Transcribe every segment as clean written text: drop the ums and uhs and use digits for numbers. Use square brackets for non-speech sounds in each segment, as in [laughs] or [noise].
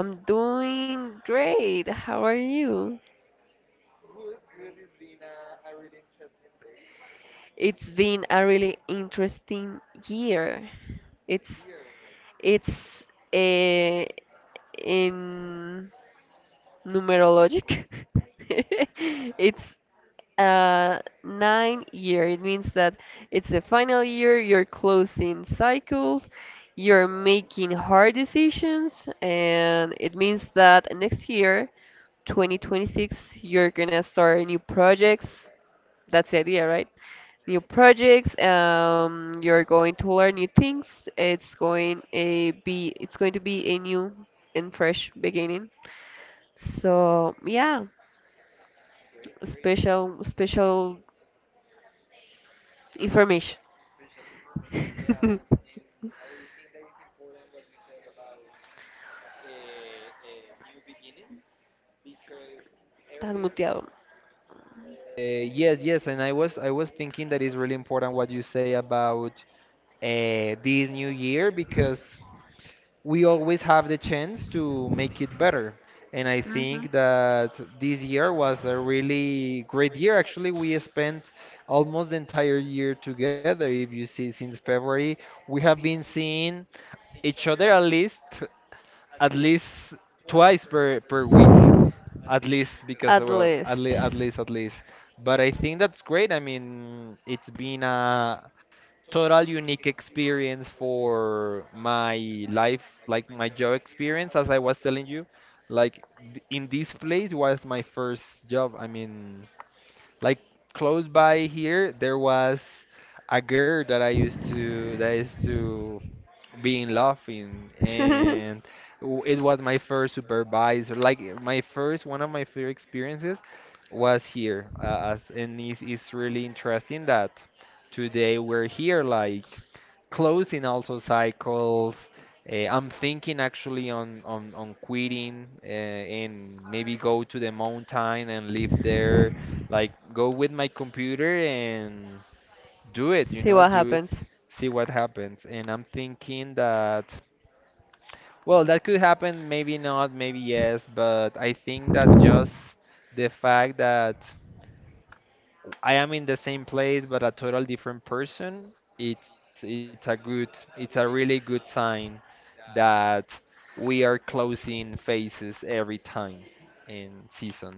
I'm doing great. How are you? It's been a really interesting year. It's it's uh, in numerologic. [laughs] It's 9 year. It means that it's the final year. You're closing cycles. You're making hard decisions, and it means that next year 2026, you're gonna start new projects. That's the idea, right? New projects. You're going to learn new things. It's going a be. It's going to be a new and fresh beginning. So yeah, special information. [laughs] Estás muteado. Yes, yes, and I was thinking that is really important what you say about this new year because we always have the chance to make it better. And I think that this year was a really great year. Actually, we spent almost the entire year together. If you see, since February, we have been seeing each other at least at least twice per week, at least because At well, at least. least at least at least. But I think that's great. I mean, it's been a total unique experience for my life, like my job experience, as I was telling you. Like in this place was my first job. I mean, like close by here, there was a girl that I used to that I used to be in love in, and [laughs] it was my first supervisor. Like my first, one of my first experiences was here, and it's really interesting that today we're here, like closing also cycles. I'm thinking actually on quitting and maybe go to the mountain and live there, like go with my computer and See what do it, happens. see what happens. And I'm thinking that, well, that could happen, maybe not, maybe yes, but I think that just the fact that I am in the same place but a total different person, it's a good, it's a really good sign that we are closing phases every time in seasons.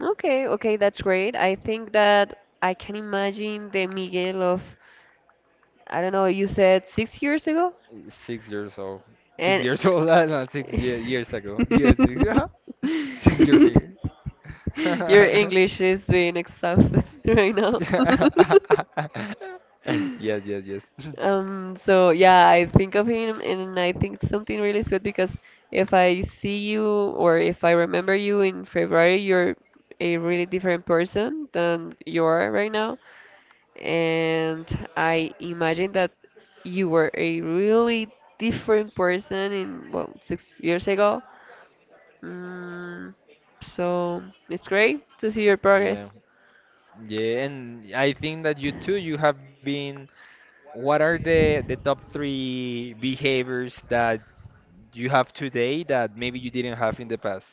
Okay, okay, that's great. I think that I can imagine the Miguel of, I don't know, you said 6 years ago? 6 years old. Six And years old. [laughs] No, six ye years ago. Years. Six [laughs] [laughs] six-year me. your [laughs] English is being exhausted [laughs] right now. [laughs] Yes, yes, yes. [laughs] So yeah, I think of him and I think something really sweet because if I see you or if I remember you in February, you're a really different person than you are right now, and I imagine that you were a really different person in, well, 6 years ago. Mm, so it's great to see your Yeah, progress. yeah, and I think that you too, you have been. What are the top three behaviors that you have today that maybe you didn't have in the past?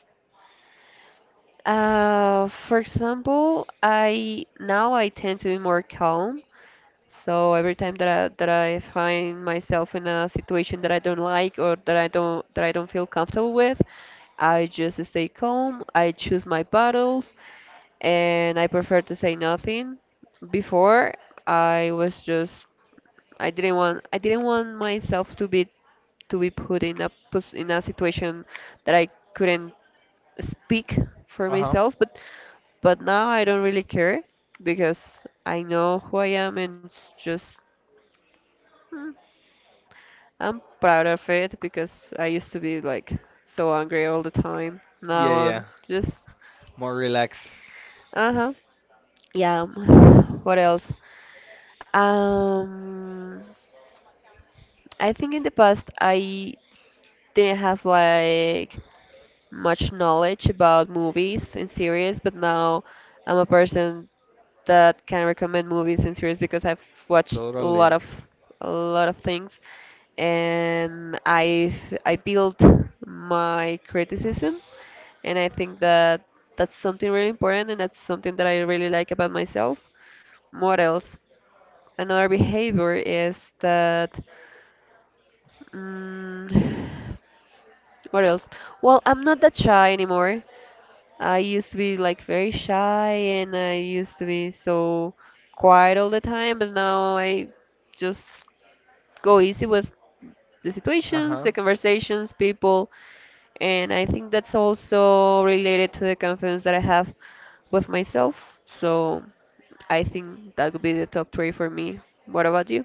For example, I now I tend to be more calm. So every time that I find myself in a situation that I don't like or that I don't feel comfortable with, I just stay calm. I choose my battles and I prefer to say nothing. Before I was just I didn't want myself to be put in a in a situation that I couldn't speak for Uh-huh. myself, but now I don't really care because I know who I am, and it's just mm, I'm proud of it because I used to be like so angry all the time. Now Yeah, yeah. I'm just More relaxed. uh-huh. Yeah. [sighs] What else? Um, I think in the past I didn't have like much knowledge about movies and series, but now I'm a person that can recommend movies and series because I've watched a Totally. lot of things, and I built my criticism, and I think that that's something really important, and that's something that I really like about myself. What else? Another behavior is that. Mm, [sighs] what else? Well, I'm not that shy anymore. I used to be like very shy and I used to be so quiet all the time, but now I just go easy with the situations, Uh-huh. the conversations, people, and I think that's also related to the confidence that I have with myself. So I think that would be the top three for me. What about you?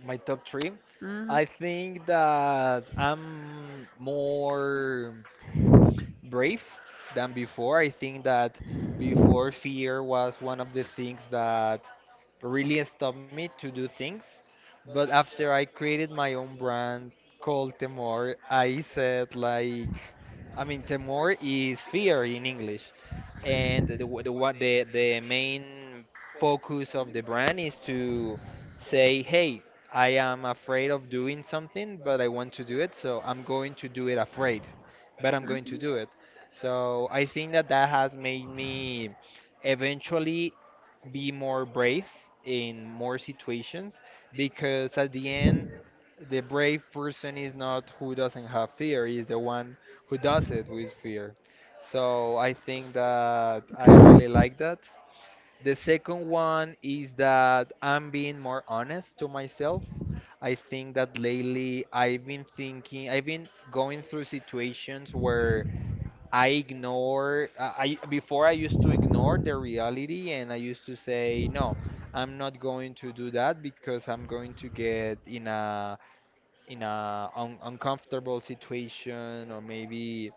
My top three. hmm I think that I'm more brave than before. I think that before fear was one of the things that really stopped me to do things. But after I created my own brand called Temor, I said like, I mean, Temor is fear in English, and the w- the one the main focus of the brand is to say, hey, I am afraid of doing something, but I want to do it, so I'm going to do it afraid, but I'm going Mhm. to do it. So I think that that has made me eventually be more brave in more situations because at the end, the brave person is not who doesn't have fear, is the one who does it with fear. So I think that I really like that. The second one is that I'm being more honest to myself. I think that lately I've been going through situations where I ignore, I before I used to ignore the reality and I used to say, no, I'm not going to do that because I'm going to get in a un uncomfortable situation or maybe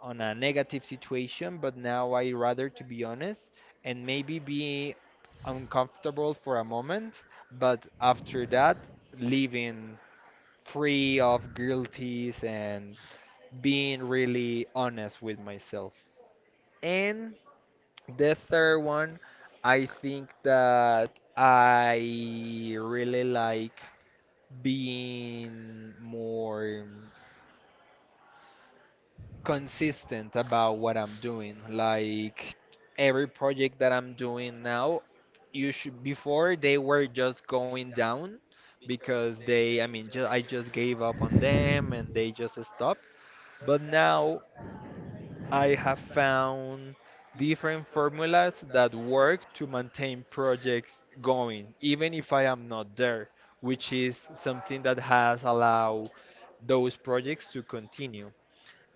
on a negative situation, but now I rather to be honest and maybe be uncomfortable for a moment, but after that, living free of guilties and being really honest with myself. And the third one, I think that I really like being more consistent about what I'm doing. Like every project that I'm doing now, you should before they were just going down because I mean, ju I just gave up on them and they just stopped. But now I have found different formulas that work to maintain projects going, even if I am not there, which is something that has allowed those projects to continue.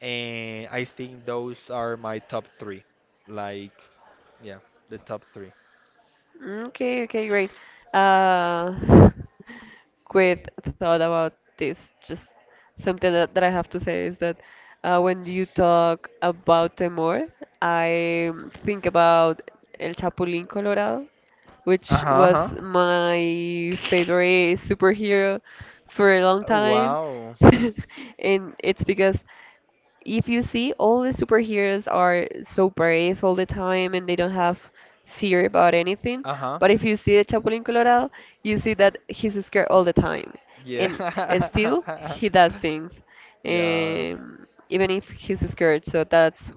And I think those are my top three. Like, yeah, the top three. Okay, okay, great. Uh, [laughs] quick thought about this. Just something that I have to say is that when you talk about Temor, I think about El Chapulín Colorado, Uh which huh. was Uh-huh. my favorite superhero for a long time. Wow. [laughs] And it's because if you see, all the superheroes are so brave all the time and they don't have fear about anything. Uh huh. But if you see the Chapulín Colorado, you see that he's scared all the time. Yeah. And still, he does things, [laughs] yeah. Even if he's scared. So that's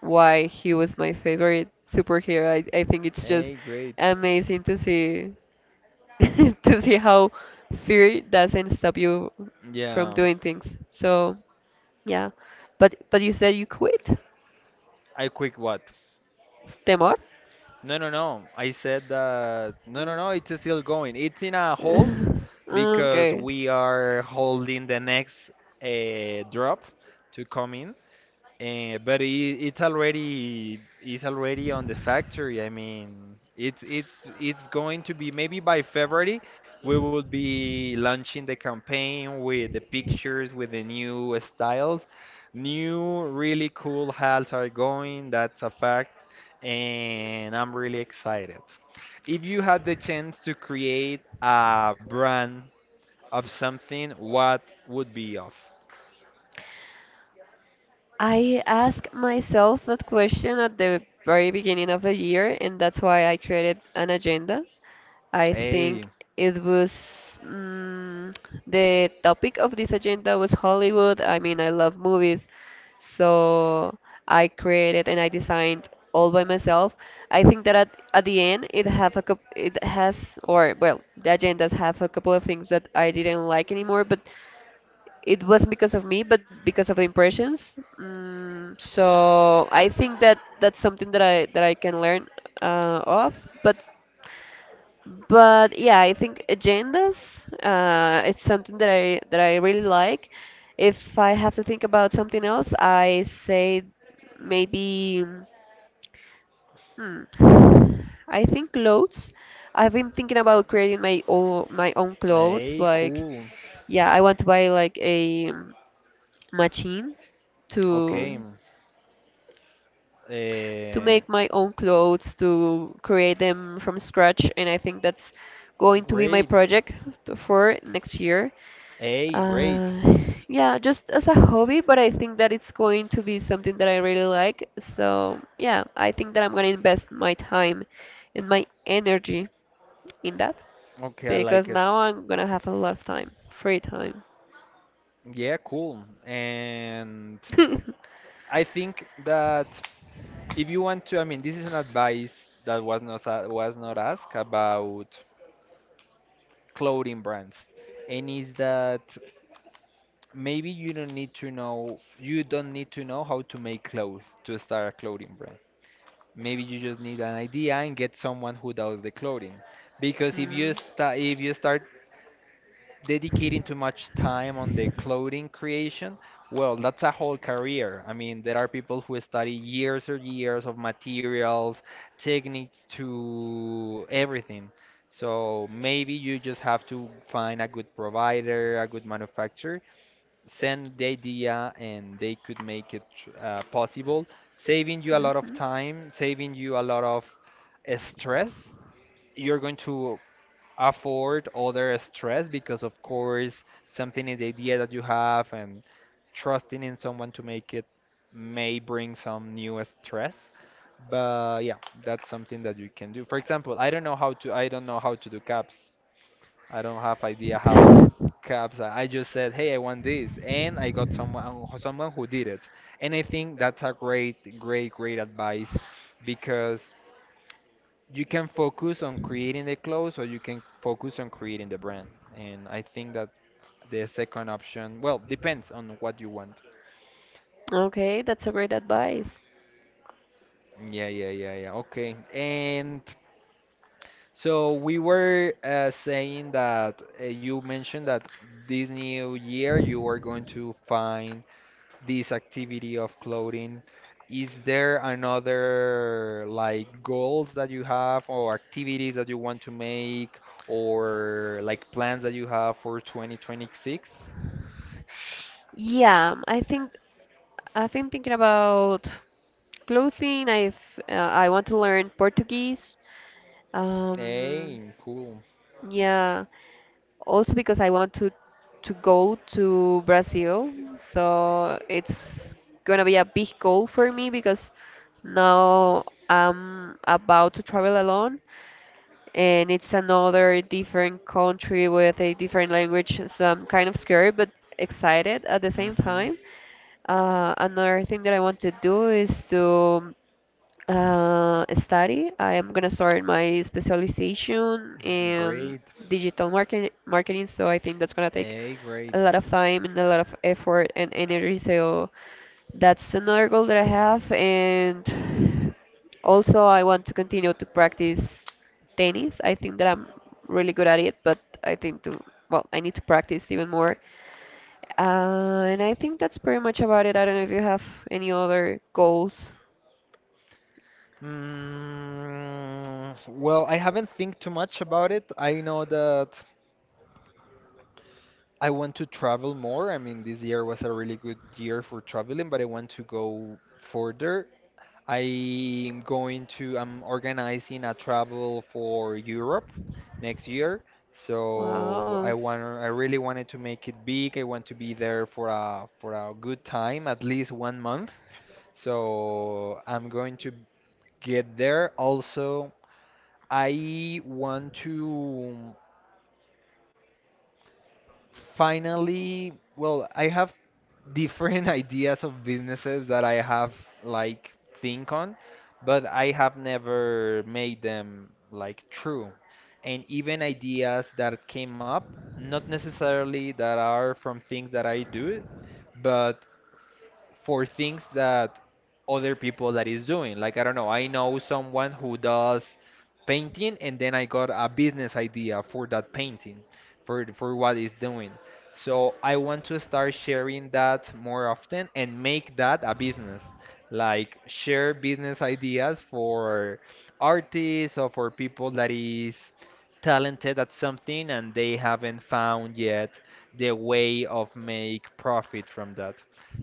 why he was my favorite superhero. I think it's just Hey, great. amazing to see [laughs] to see how fear doesn't stop you from Yeah, doing things. So yeah. But you said you quit, I quick what? Temor. No, no, no. I said that. No, no, no. It's still going. It's in a hold [laughs] because Okay. we are holding the next drop to come in. Uh, but it, it's already on the factory. I mean, it's it's going to be maybe by February we will be launching the campaign with the pictures, with the new styles. New really cool hats are going, that's a fact, and I'm really excited. If you had the chance to create a brand of something, what would be of? I asked myself that question at the very beginning of the year, and that's why I created an agenda. I think Hey, it was the topic of this agenda was Hollywood. I mean, I love movies, so I created and I designed all by myself. I think that at the end it have a coup it has, or well, the agendas have a couple of things that I didn't like anymore, but it wasn't because of me, but because of the impressions. So I think that that's something that I can learn of. But yeah, I think agendas. It's something that I really like. If I have to think about something else, I say maybe. Hmm. I think clothes. I've been thinking about creating my own clothes. Hey, Like, cool. yeah, I want to buy like a machine Okay. to Uh, make my own clothes, to create them from scratch, and I think that's going to be my great. project for next year, Hey, great. uh, yeah, just as a hobby, but I think that it's going to be something that I really like. So yeah, I think that I'm going to invest my time and my energy in that Okay, I because like it. now I'm going to have a lot of time free time. Yeah, cool. And [laughs] I think that if you want to, I mean, this is an advice that was not a- was not asked about clothing brands, and is that maybe you don't need to know, you don't need to know how to make clothes to start a clothing brand. Maybe you just need an idea and get someone who does the clothing. Because Mm. If you start dedicating too much time on the clothing creation, well, that's a whole career. I mean, there are people who study years or years of materials, techniques to everything. So maybe you just have to find a good provider, a good manufacturer send the idea and they could possible, saving you a lot of Mhm. time, saving you a lot of stress. You're going to afford other stress because, of course, something is the idea that you have, and trusting in someone to make it may bring some new stress. But yeah, that's something that you can do. For example, I don't know how to do caps. I don't have idea how caps. I just said, hey, I want this, and I got someone who did it. And I think that's a great, great, great advice because you can focus on creating the clothes or you can focus on creating the brand. And I think that the second option, well, depends on what you want. Okay, that's a great advice. Yeah, yeah, yeah, yeah. Okay. And so we were saying that you mentioned that this new year you are going to find this activity of clothing, is there another like goals that you have or activities that you want to make or like plans that you have for 2026? Yeah, I think I've been thinking about clothing. I've I want to learn Portuguese. Um, Hey, cool. yeah, also because I want to go to Brazil. So it's gonna be a big goal for me because now I'm about to travel alone and it's another different country with a different language. So I'm kind of scared but excited at the same hmm time. Another thing that I want to do is to study. I am gonna start my specialization in Great. digital market marketing, so I think that's gonna take Hey, a great. lot of time and a lot of effort and energy. So that's another goal that I have, and also I want to continue to practice tennis. I think that I'm really good at it, but I think to, well, I need to practice even more. And I think that's pretty much about it. I don't know if you have any other goals. Mm, well, I haven't think too much about it. I know that I want to travel more. I mean, this year was a really good year for traveling, but I want to go further. I'm organizing a travel for Europe next year. So Wow. I really wanted to make it big. I want to be there for a good time, at least one month. So I'm going to get there. Also, I want to. Finally, well, I have different [laughs] ideas of businesses that I have like think on, but I have never made them like true. And even ideas that came up, not necessarily that are from things that I do, but for things that other people that is doing. Like I don't know, I know someone who does painting and then I got a business idea for that painting, for what he's doing. So I want to start sharing that more often and make that a business. Like share business ideas for artists or for people that is talented at something and they haven't found yet the way of make profit from that.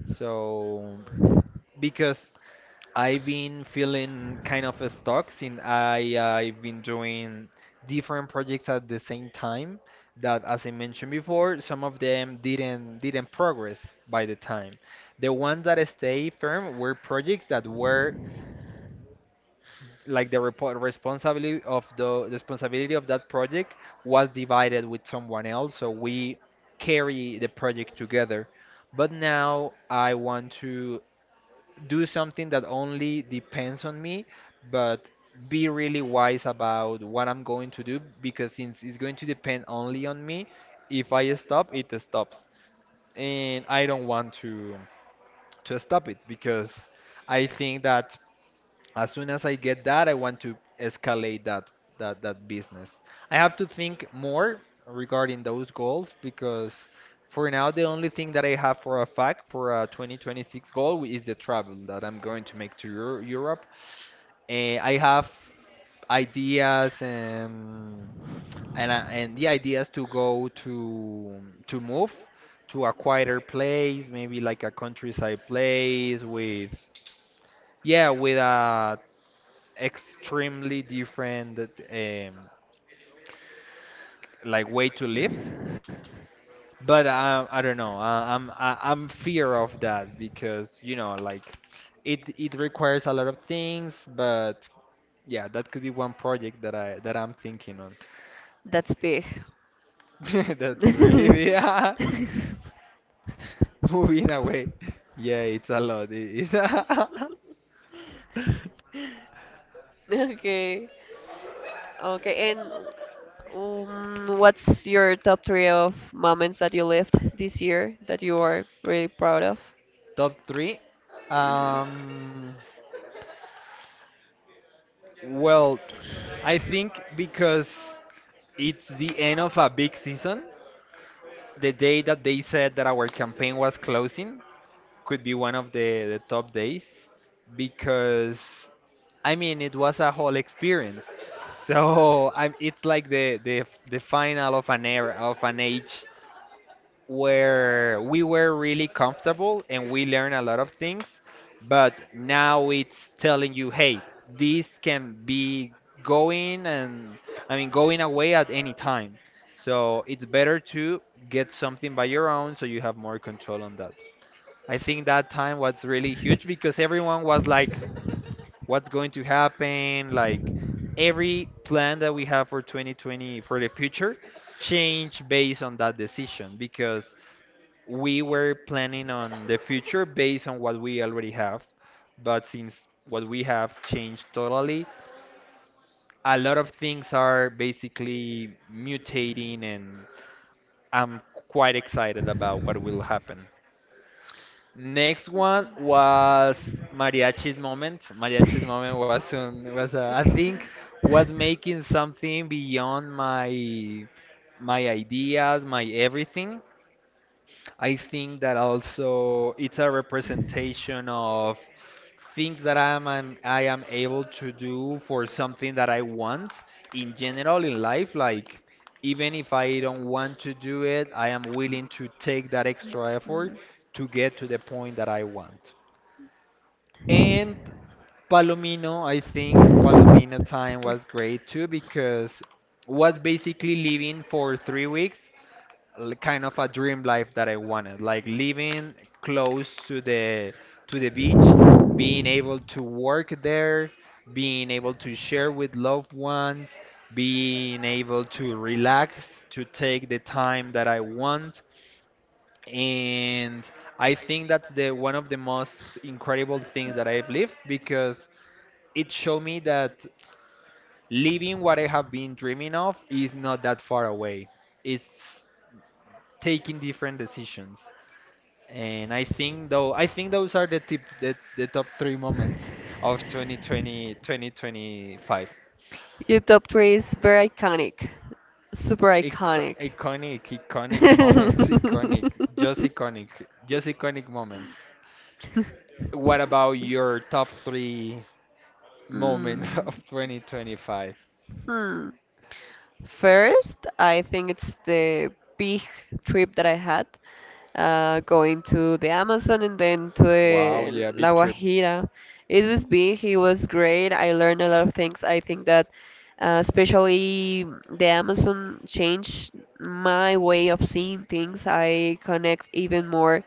So because I've been feeling kind of stuck since I've been doing different projects at the same time that as I mentioned before, some of them didn't progress by the time. The ones that stay firm were projects that were like the responsibility of that project was divided with someone else, so we carry the project together. But now I want to do something that only depends on me, but be really wise about what I'm going to do because since it's going to depend only on me, if I stop, it stops. And I don't want to stop it because I think that as soon as I get that, I want to escalate that business. I have to think more regarding those goals because for now the only thing that I have for a fact for a 2026 goal is the travel that I'm going to make to Europe. Eh, I have ideas and and the ideas to go to move to a quieter place, maybe like a countryside place with yeah, with a extremely different like way to live, but I don't know, I, I'm fear of that because you know like it requires a lot of things, but yeah, that could be one project that I'm thinking on. That's big. [laughs] that's really be yeah, [laughs] [laughs] moving away yeah it's a lot it is. [laughs] Okay. Okay, and what's your top three of moments that you lived this year that you are really proud of? Top three. um well I think because it's the end of a big season, the day that they said that our campaign was closing could be one of the top days because I mean it was a whole experience. [laughs] So I'm it's like the final of an era, of an age where we were really comfortable and we learned a lot of things, but now it's telling you, hey, this can be going and, I mean, going away at any time. So it's better to get something by your own so you have more control on that. I think that time was really huge because everyone was like, what's going to happen? Like every plan that we have for 2020, for the future, change based on that decision because we were planning on the future based on what we already have, but since what we have changed totally, a lot of things are basically mutating, and I'm quite excited about what will happen. Next one was Mariachi's moment. Mariachi's moment was I think, was making something beyond my ideas, my everything. I think that also it's a representation of things that I am able to do for something that I want in general in life. Like even if I don't want to do it, I am willing to take that extra effort to get to the point that I want. And Palomino, I think Palomino time was great too because was basically living for 3 weeks, kind of a dream life that I wanted, like living close to the beach, being able to work there, being able to share with loved ones, being able to relax, to take the time that I want, and I think that's the one of the most incredible things that I've lived because it showed me that living what I have been dreaming of is not that far away. It's taking different decisions. And I think those are the top three moments of 2020 2025. Your top three is very iconic, super iconic. Iconic, iconic moments, iconic, [laughs] just iconic, just iconic moments. What about your top three moments [laughs] Mm, of 2025? hmm. First, I think it's the big trip that I had, going to the Amazon and then to Wow, the yeah, La big trip. Guajira. It was big, it was great. I learned a lot of things. I think that, especially the Amazon changed my way of seeing things. I connect even more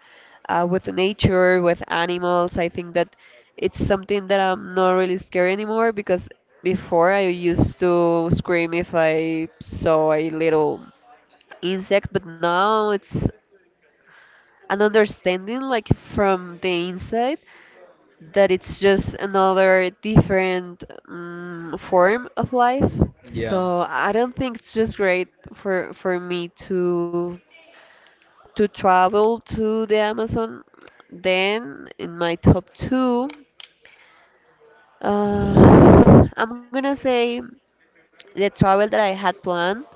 with nature, with animals. I think that. It's something that I'm not really scared anymore because before I used to scream if I saw a little insect, but now it's an understanding, like from the inside, that it's just another different form of life. Yeah. So I don't think, it's just great for me to travel to the Amazon. Then in my top two. I'm gonna say the travel that I had planned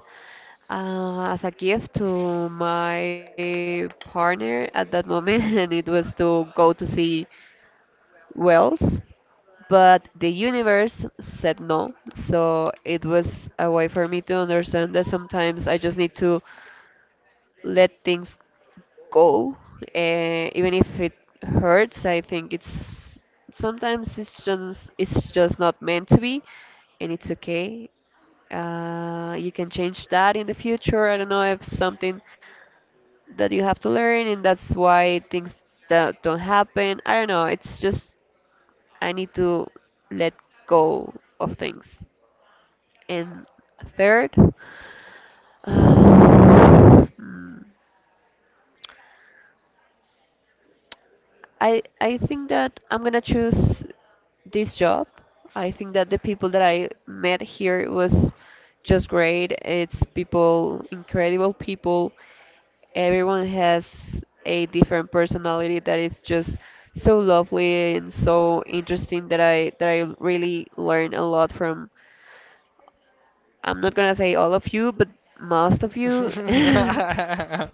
as a gift to my partner at that moment, [laughs] and it was to go to see Wales, but the universe said no. So it was a way for me to understand that sometimes I just need to let things go, even if it hurts. I think it's sometimes it's just not meant to be, and it's okay. You can change that in the future. I don't know if something that you have to learn, and that's why things that don't happen. I don't know. It's just I need to let go of things. And third, [sighs] mm, I think that I'm gonna choose this job. I think that the people that I met here was just great. It's people, incredible people. Everyone has a different personality that is just so lovely and so interesting that I really learn a lot from. I'm not gonna say all of you, but most of you. [laughs] And [laughs]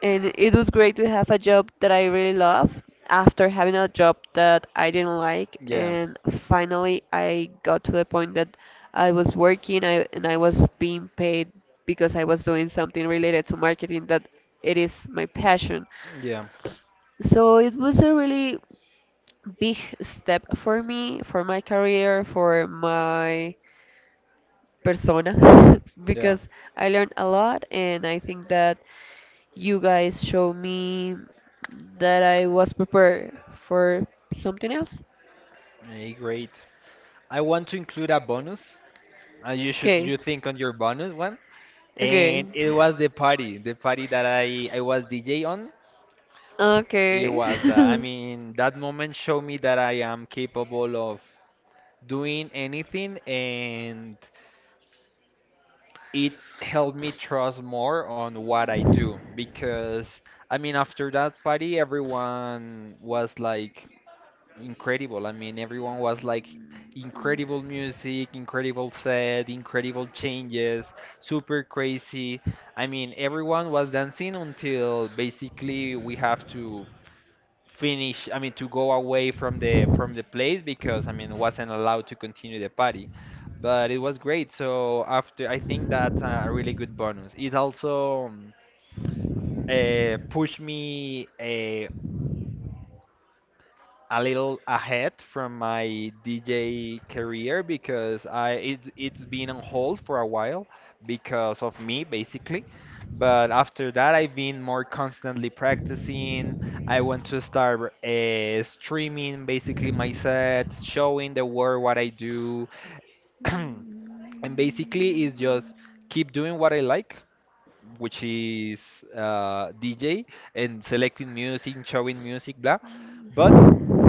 it was great to have a job that I really love after having a job that I didn't like. Yeah, And finally, I got to the point that I was working and I was being paid because I was doing something related to marketing that it is my passion. yeah, So it was a really big step for me, for my career, for my persona [laughs] yeah. because I learned a lot, and I think that you guys show me that I was prepared for something else. Great. I want to include a bonus, and you should Okay. you think on your bonus one. Okay. And it was the party that I was DJ on. It Okay. was the, I [laughs] mean that moment showed me that I am capable of doing anything, and it helped me trust more on what I do because I mean after that party everyone was like incredible. I mean, everyone was like incredible music, incredible set, incredible changes, super crazy. I mean, everyone was dancing until basically we have to finish, I mean, to go away from the place because I mean, wasn't allowed to continue the party. But it was great. So after, I think that a really good bonus. It also pushed me, a little ahead from my DJ career because I it's been on hold for a while because of me basically. But after that, I've been more constantly practicing. I want to start streaming basically my set, showing the world what I do. [clears throat] And basically, it's just keep doing what I like, which is DJ and selecting music, showing music, blah. But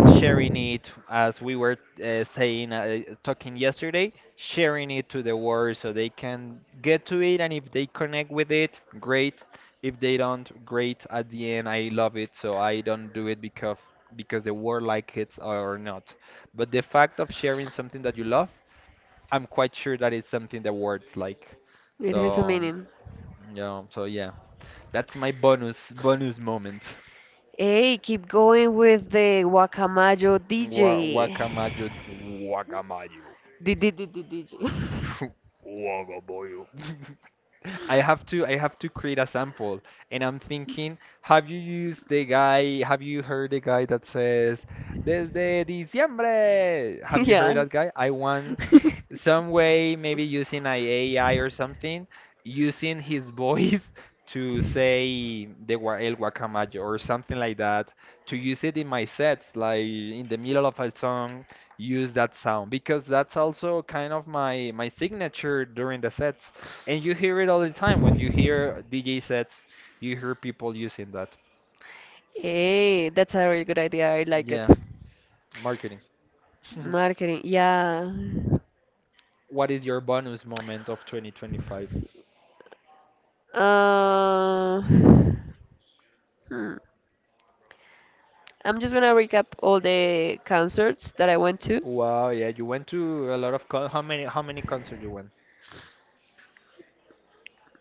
sharing it, as we were saying, talking yesterday, sharing it to the world so they can get to it. And if they connect with it, great. If they don't, great. At the end, I love it, so I don't do it because the world like it or not. But the fact of sharing something that you love, I'm quite sure that is something the world like. It has a So meaning. yeah, so yeah. That's my bonus bonus moment. Hey, keep going with the Guacamayo DJ. Guacamayo, guacamayo. Did you? [laughs] [laughs] Waga boyo. [laughs] I have to create a sample, and I'm thinking, have you heard the guy that says desde diciembre, have you heard Yeah. that guy? I want [laughs] some way, maybe using an AI or something, using his voice [laughs] to say the el guacamayo or something like that, to use it in my sets like in the middle of a song, use that sound, because that's also kind of my signature during the sets, and you hear it all the time. When you hear DJ sets, you hear people using that. Hey, that's a really good idea. I like it. Yeah, marketing. [laughs] Marketing, yeah. What is your bonus moment of 2025? Hmm. I'm just gonna recap all the concerts that I went to. Wow, yeah, you went to a lot of how many concerts you went?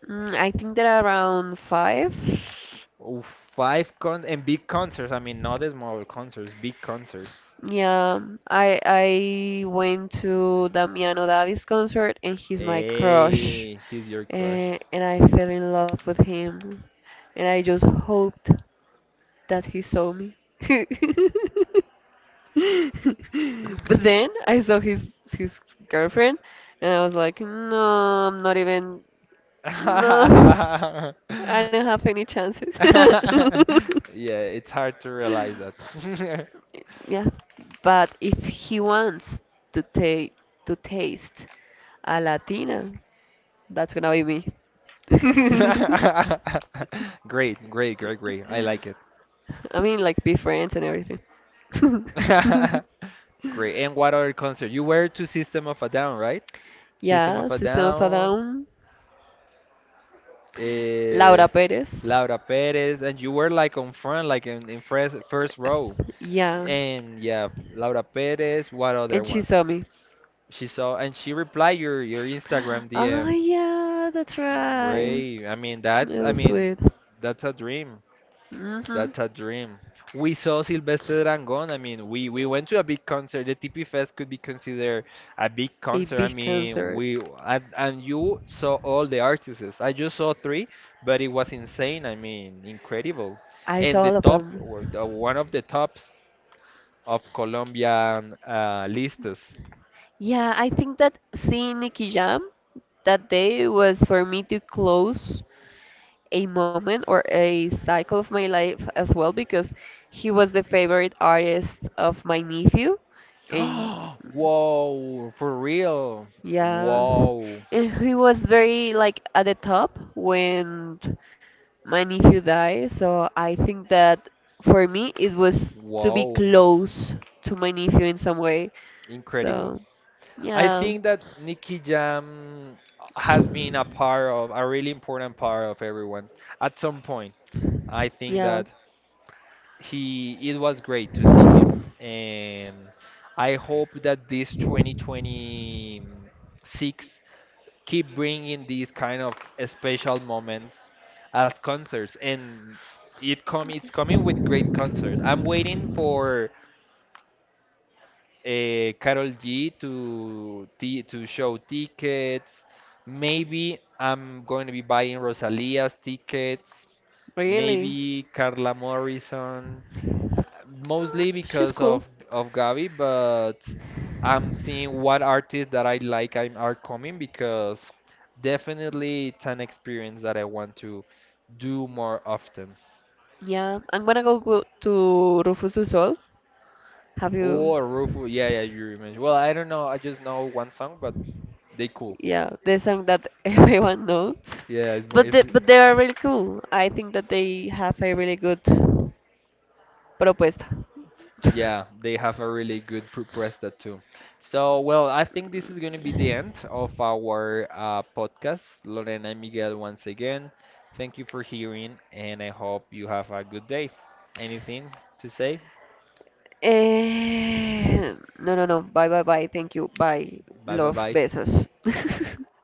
I think there are around five. Oh, five con, and big concerts, I mean, not small concerts, big concerts. Yeah, I went to Damiano Davis concert and he's my crush, Hey, he's your crush. And I fell in love with him, and I just hoped that he saw me. [laughs] [laughs] But then I saw his girlfriend, and I was like, no, I'm not even, no, [laughs] I don't have any chances. [laughs] [laughs] Yeah, it's hard to realize that. Yeah, but if he wants to take to taste a Latina, that's gonna be me. [laughs] Great, great, great, great. I like it. [laughs] I mean, like be friends and everything. [laughs] [laughs] Great. And what other concert? You were to System of a Down, right? System Yeah, of a System of a Down, Down, eh, Laura Perez. Laura Perez, and you were like on front, like in first row. Yeah, And yeah, Laura Perez, what other and she one? saw me. She saw, and she replied your Instagram Oh DM. yeah, that's right. Great. I mean, that's, It I was mean, sweet. that's a dream. Mhm. That's a dream. We saw Silvestre Dangond. I mean, we went to a big concert. The TP Fest could be considered a big A concert. I big mean, cancer. we, and you saw all the artists. I just saw three, but it was insane. I mean, incredible. I And saw the all of top, them. or the, one of the tops of Colombian lists. Yeah, I think that seeing Nicky Jam that day was for me to close a moment or a cycle of my life as well because he was the favorite artist of my nephew, [gasps] and Whoa, for real. yeah, Wow, and he was very like at the top when my nephew died, so I think that for me it was to be wow, close to my nephew in some way. incredible. So I yeah. think that Nicky Jam has been a part of a really important part of everyone at some point. I think Yeah, that he it was great to see him, and I hope that this 2026 keep bringing these kind of special moments as concerts, and it's coming with great concerts. I'm waiting for Carol G to t to show tickets. Maybe I'm going to be buying Rosalia's tickets. really. Maybe Carla Morrison, mostly because She's of cool. Gabi, but I'm seeing what artists that I like are coming because definitely it's an experience that I want to do more often. Yeah, I'm gonna go to Rufus du Sol. Have you? Or Rufus, yeah, yeah, you remember. Well, I don't know, I just know one song, but they cool. Yeah, the song that [laughs] everyone knows, Yeah, it's, but they are really cool. I think that they have a really good propuesta. Yeah, they have a really good presta too. So, well, I think this is going to be the end of our podcast. Lorena and Miguel, once again, thank you for hearing, and I hope you have a good day. Anything to say? Eh, no, no, no. Bye, bye, bye. Thank you. Bye. Bye, bye, Love. bye. Besos. [laughs]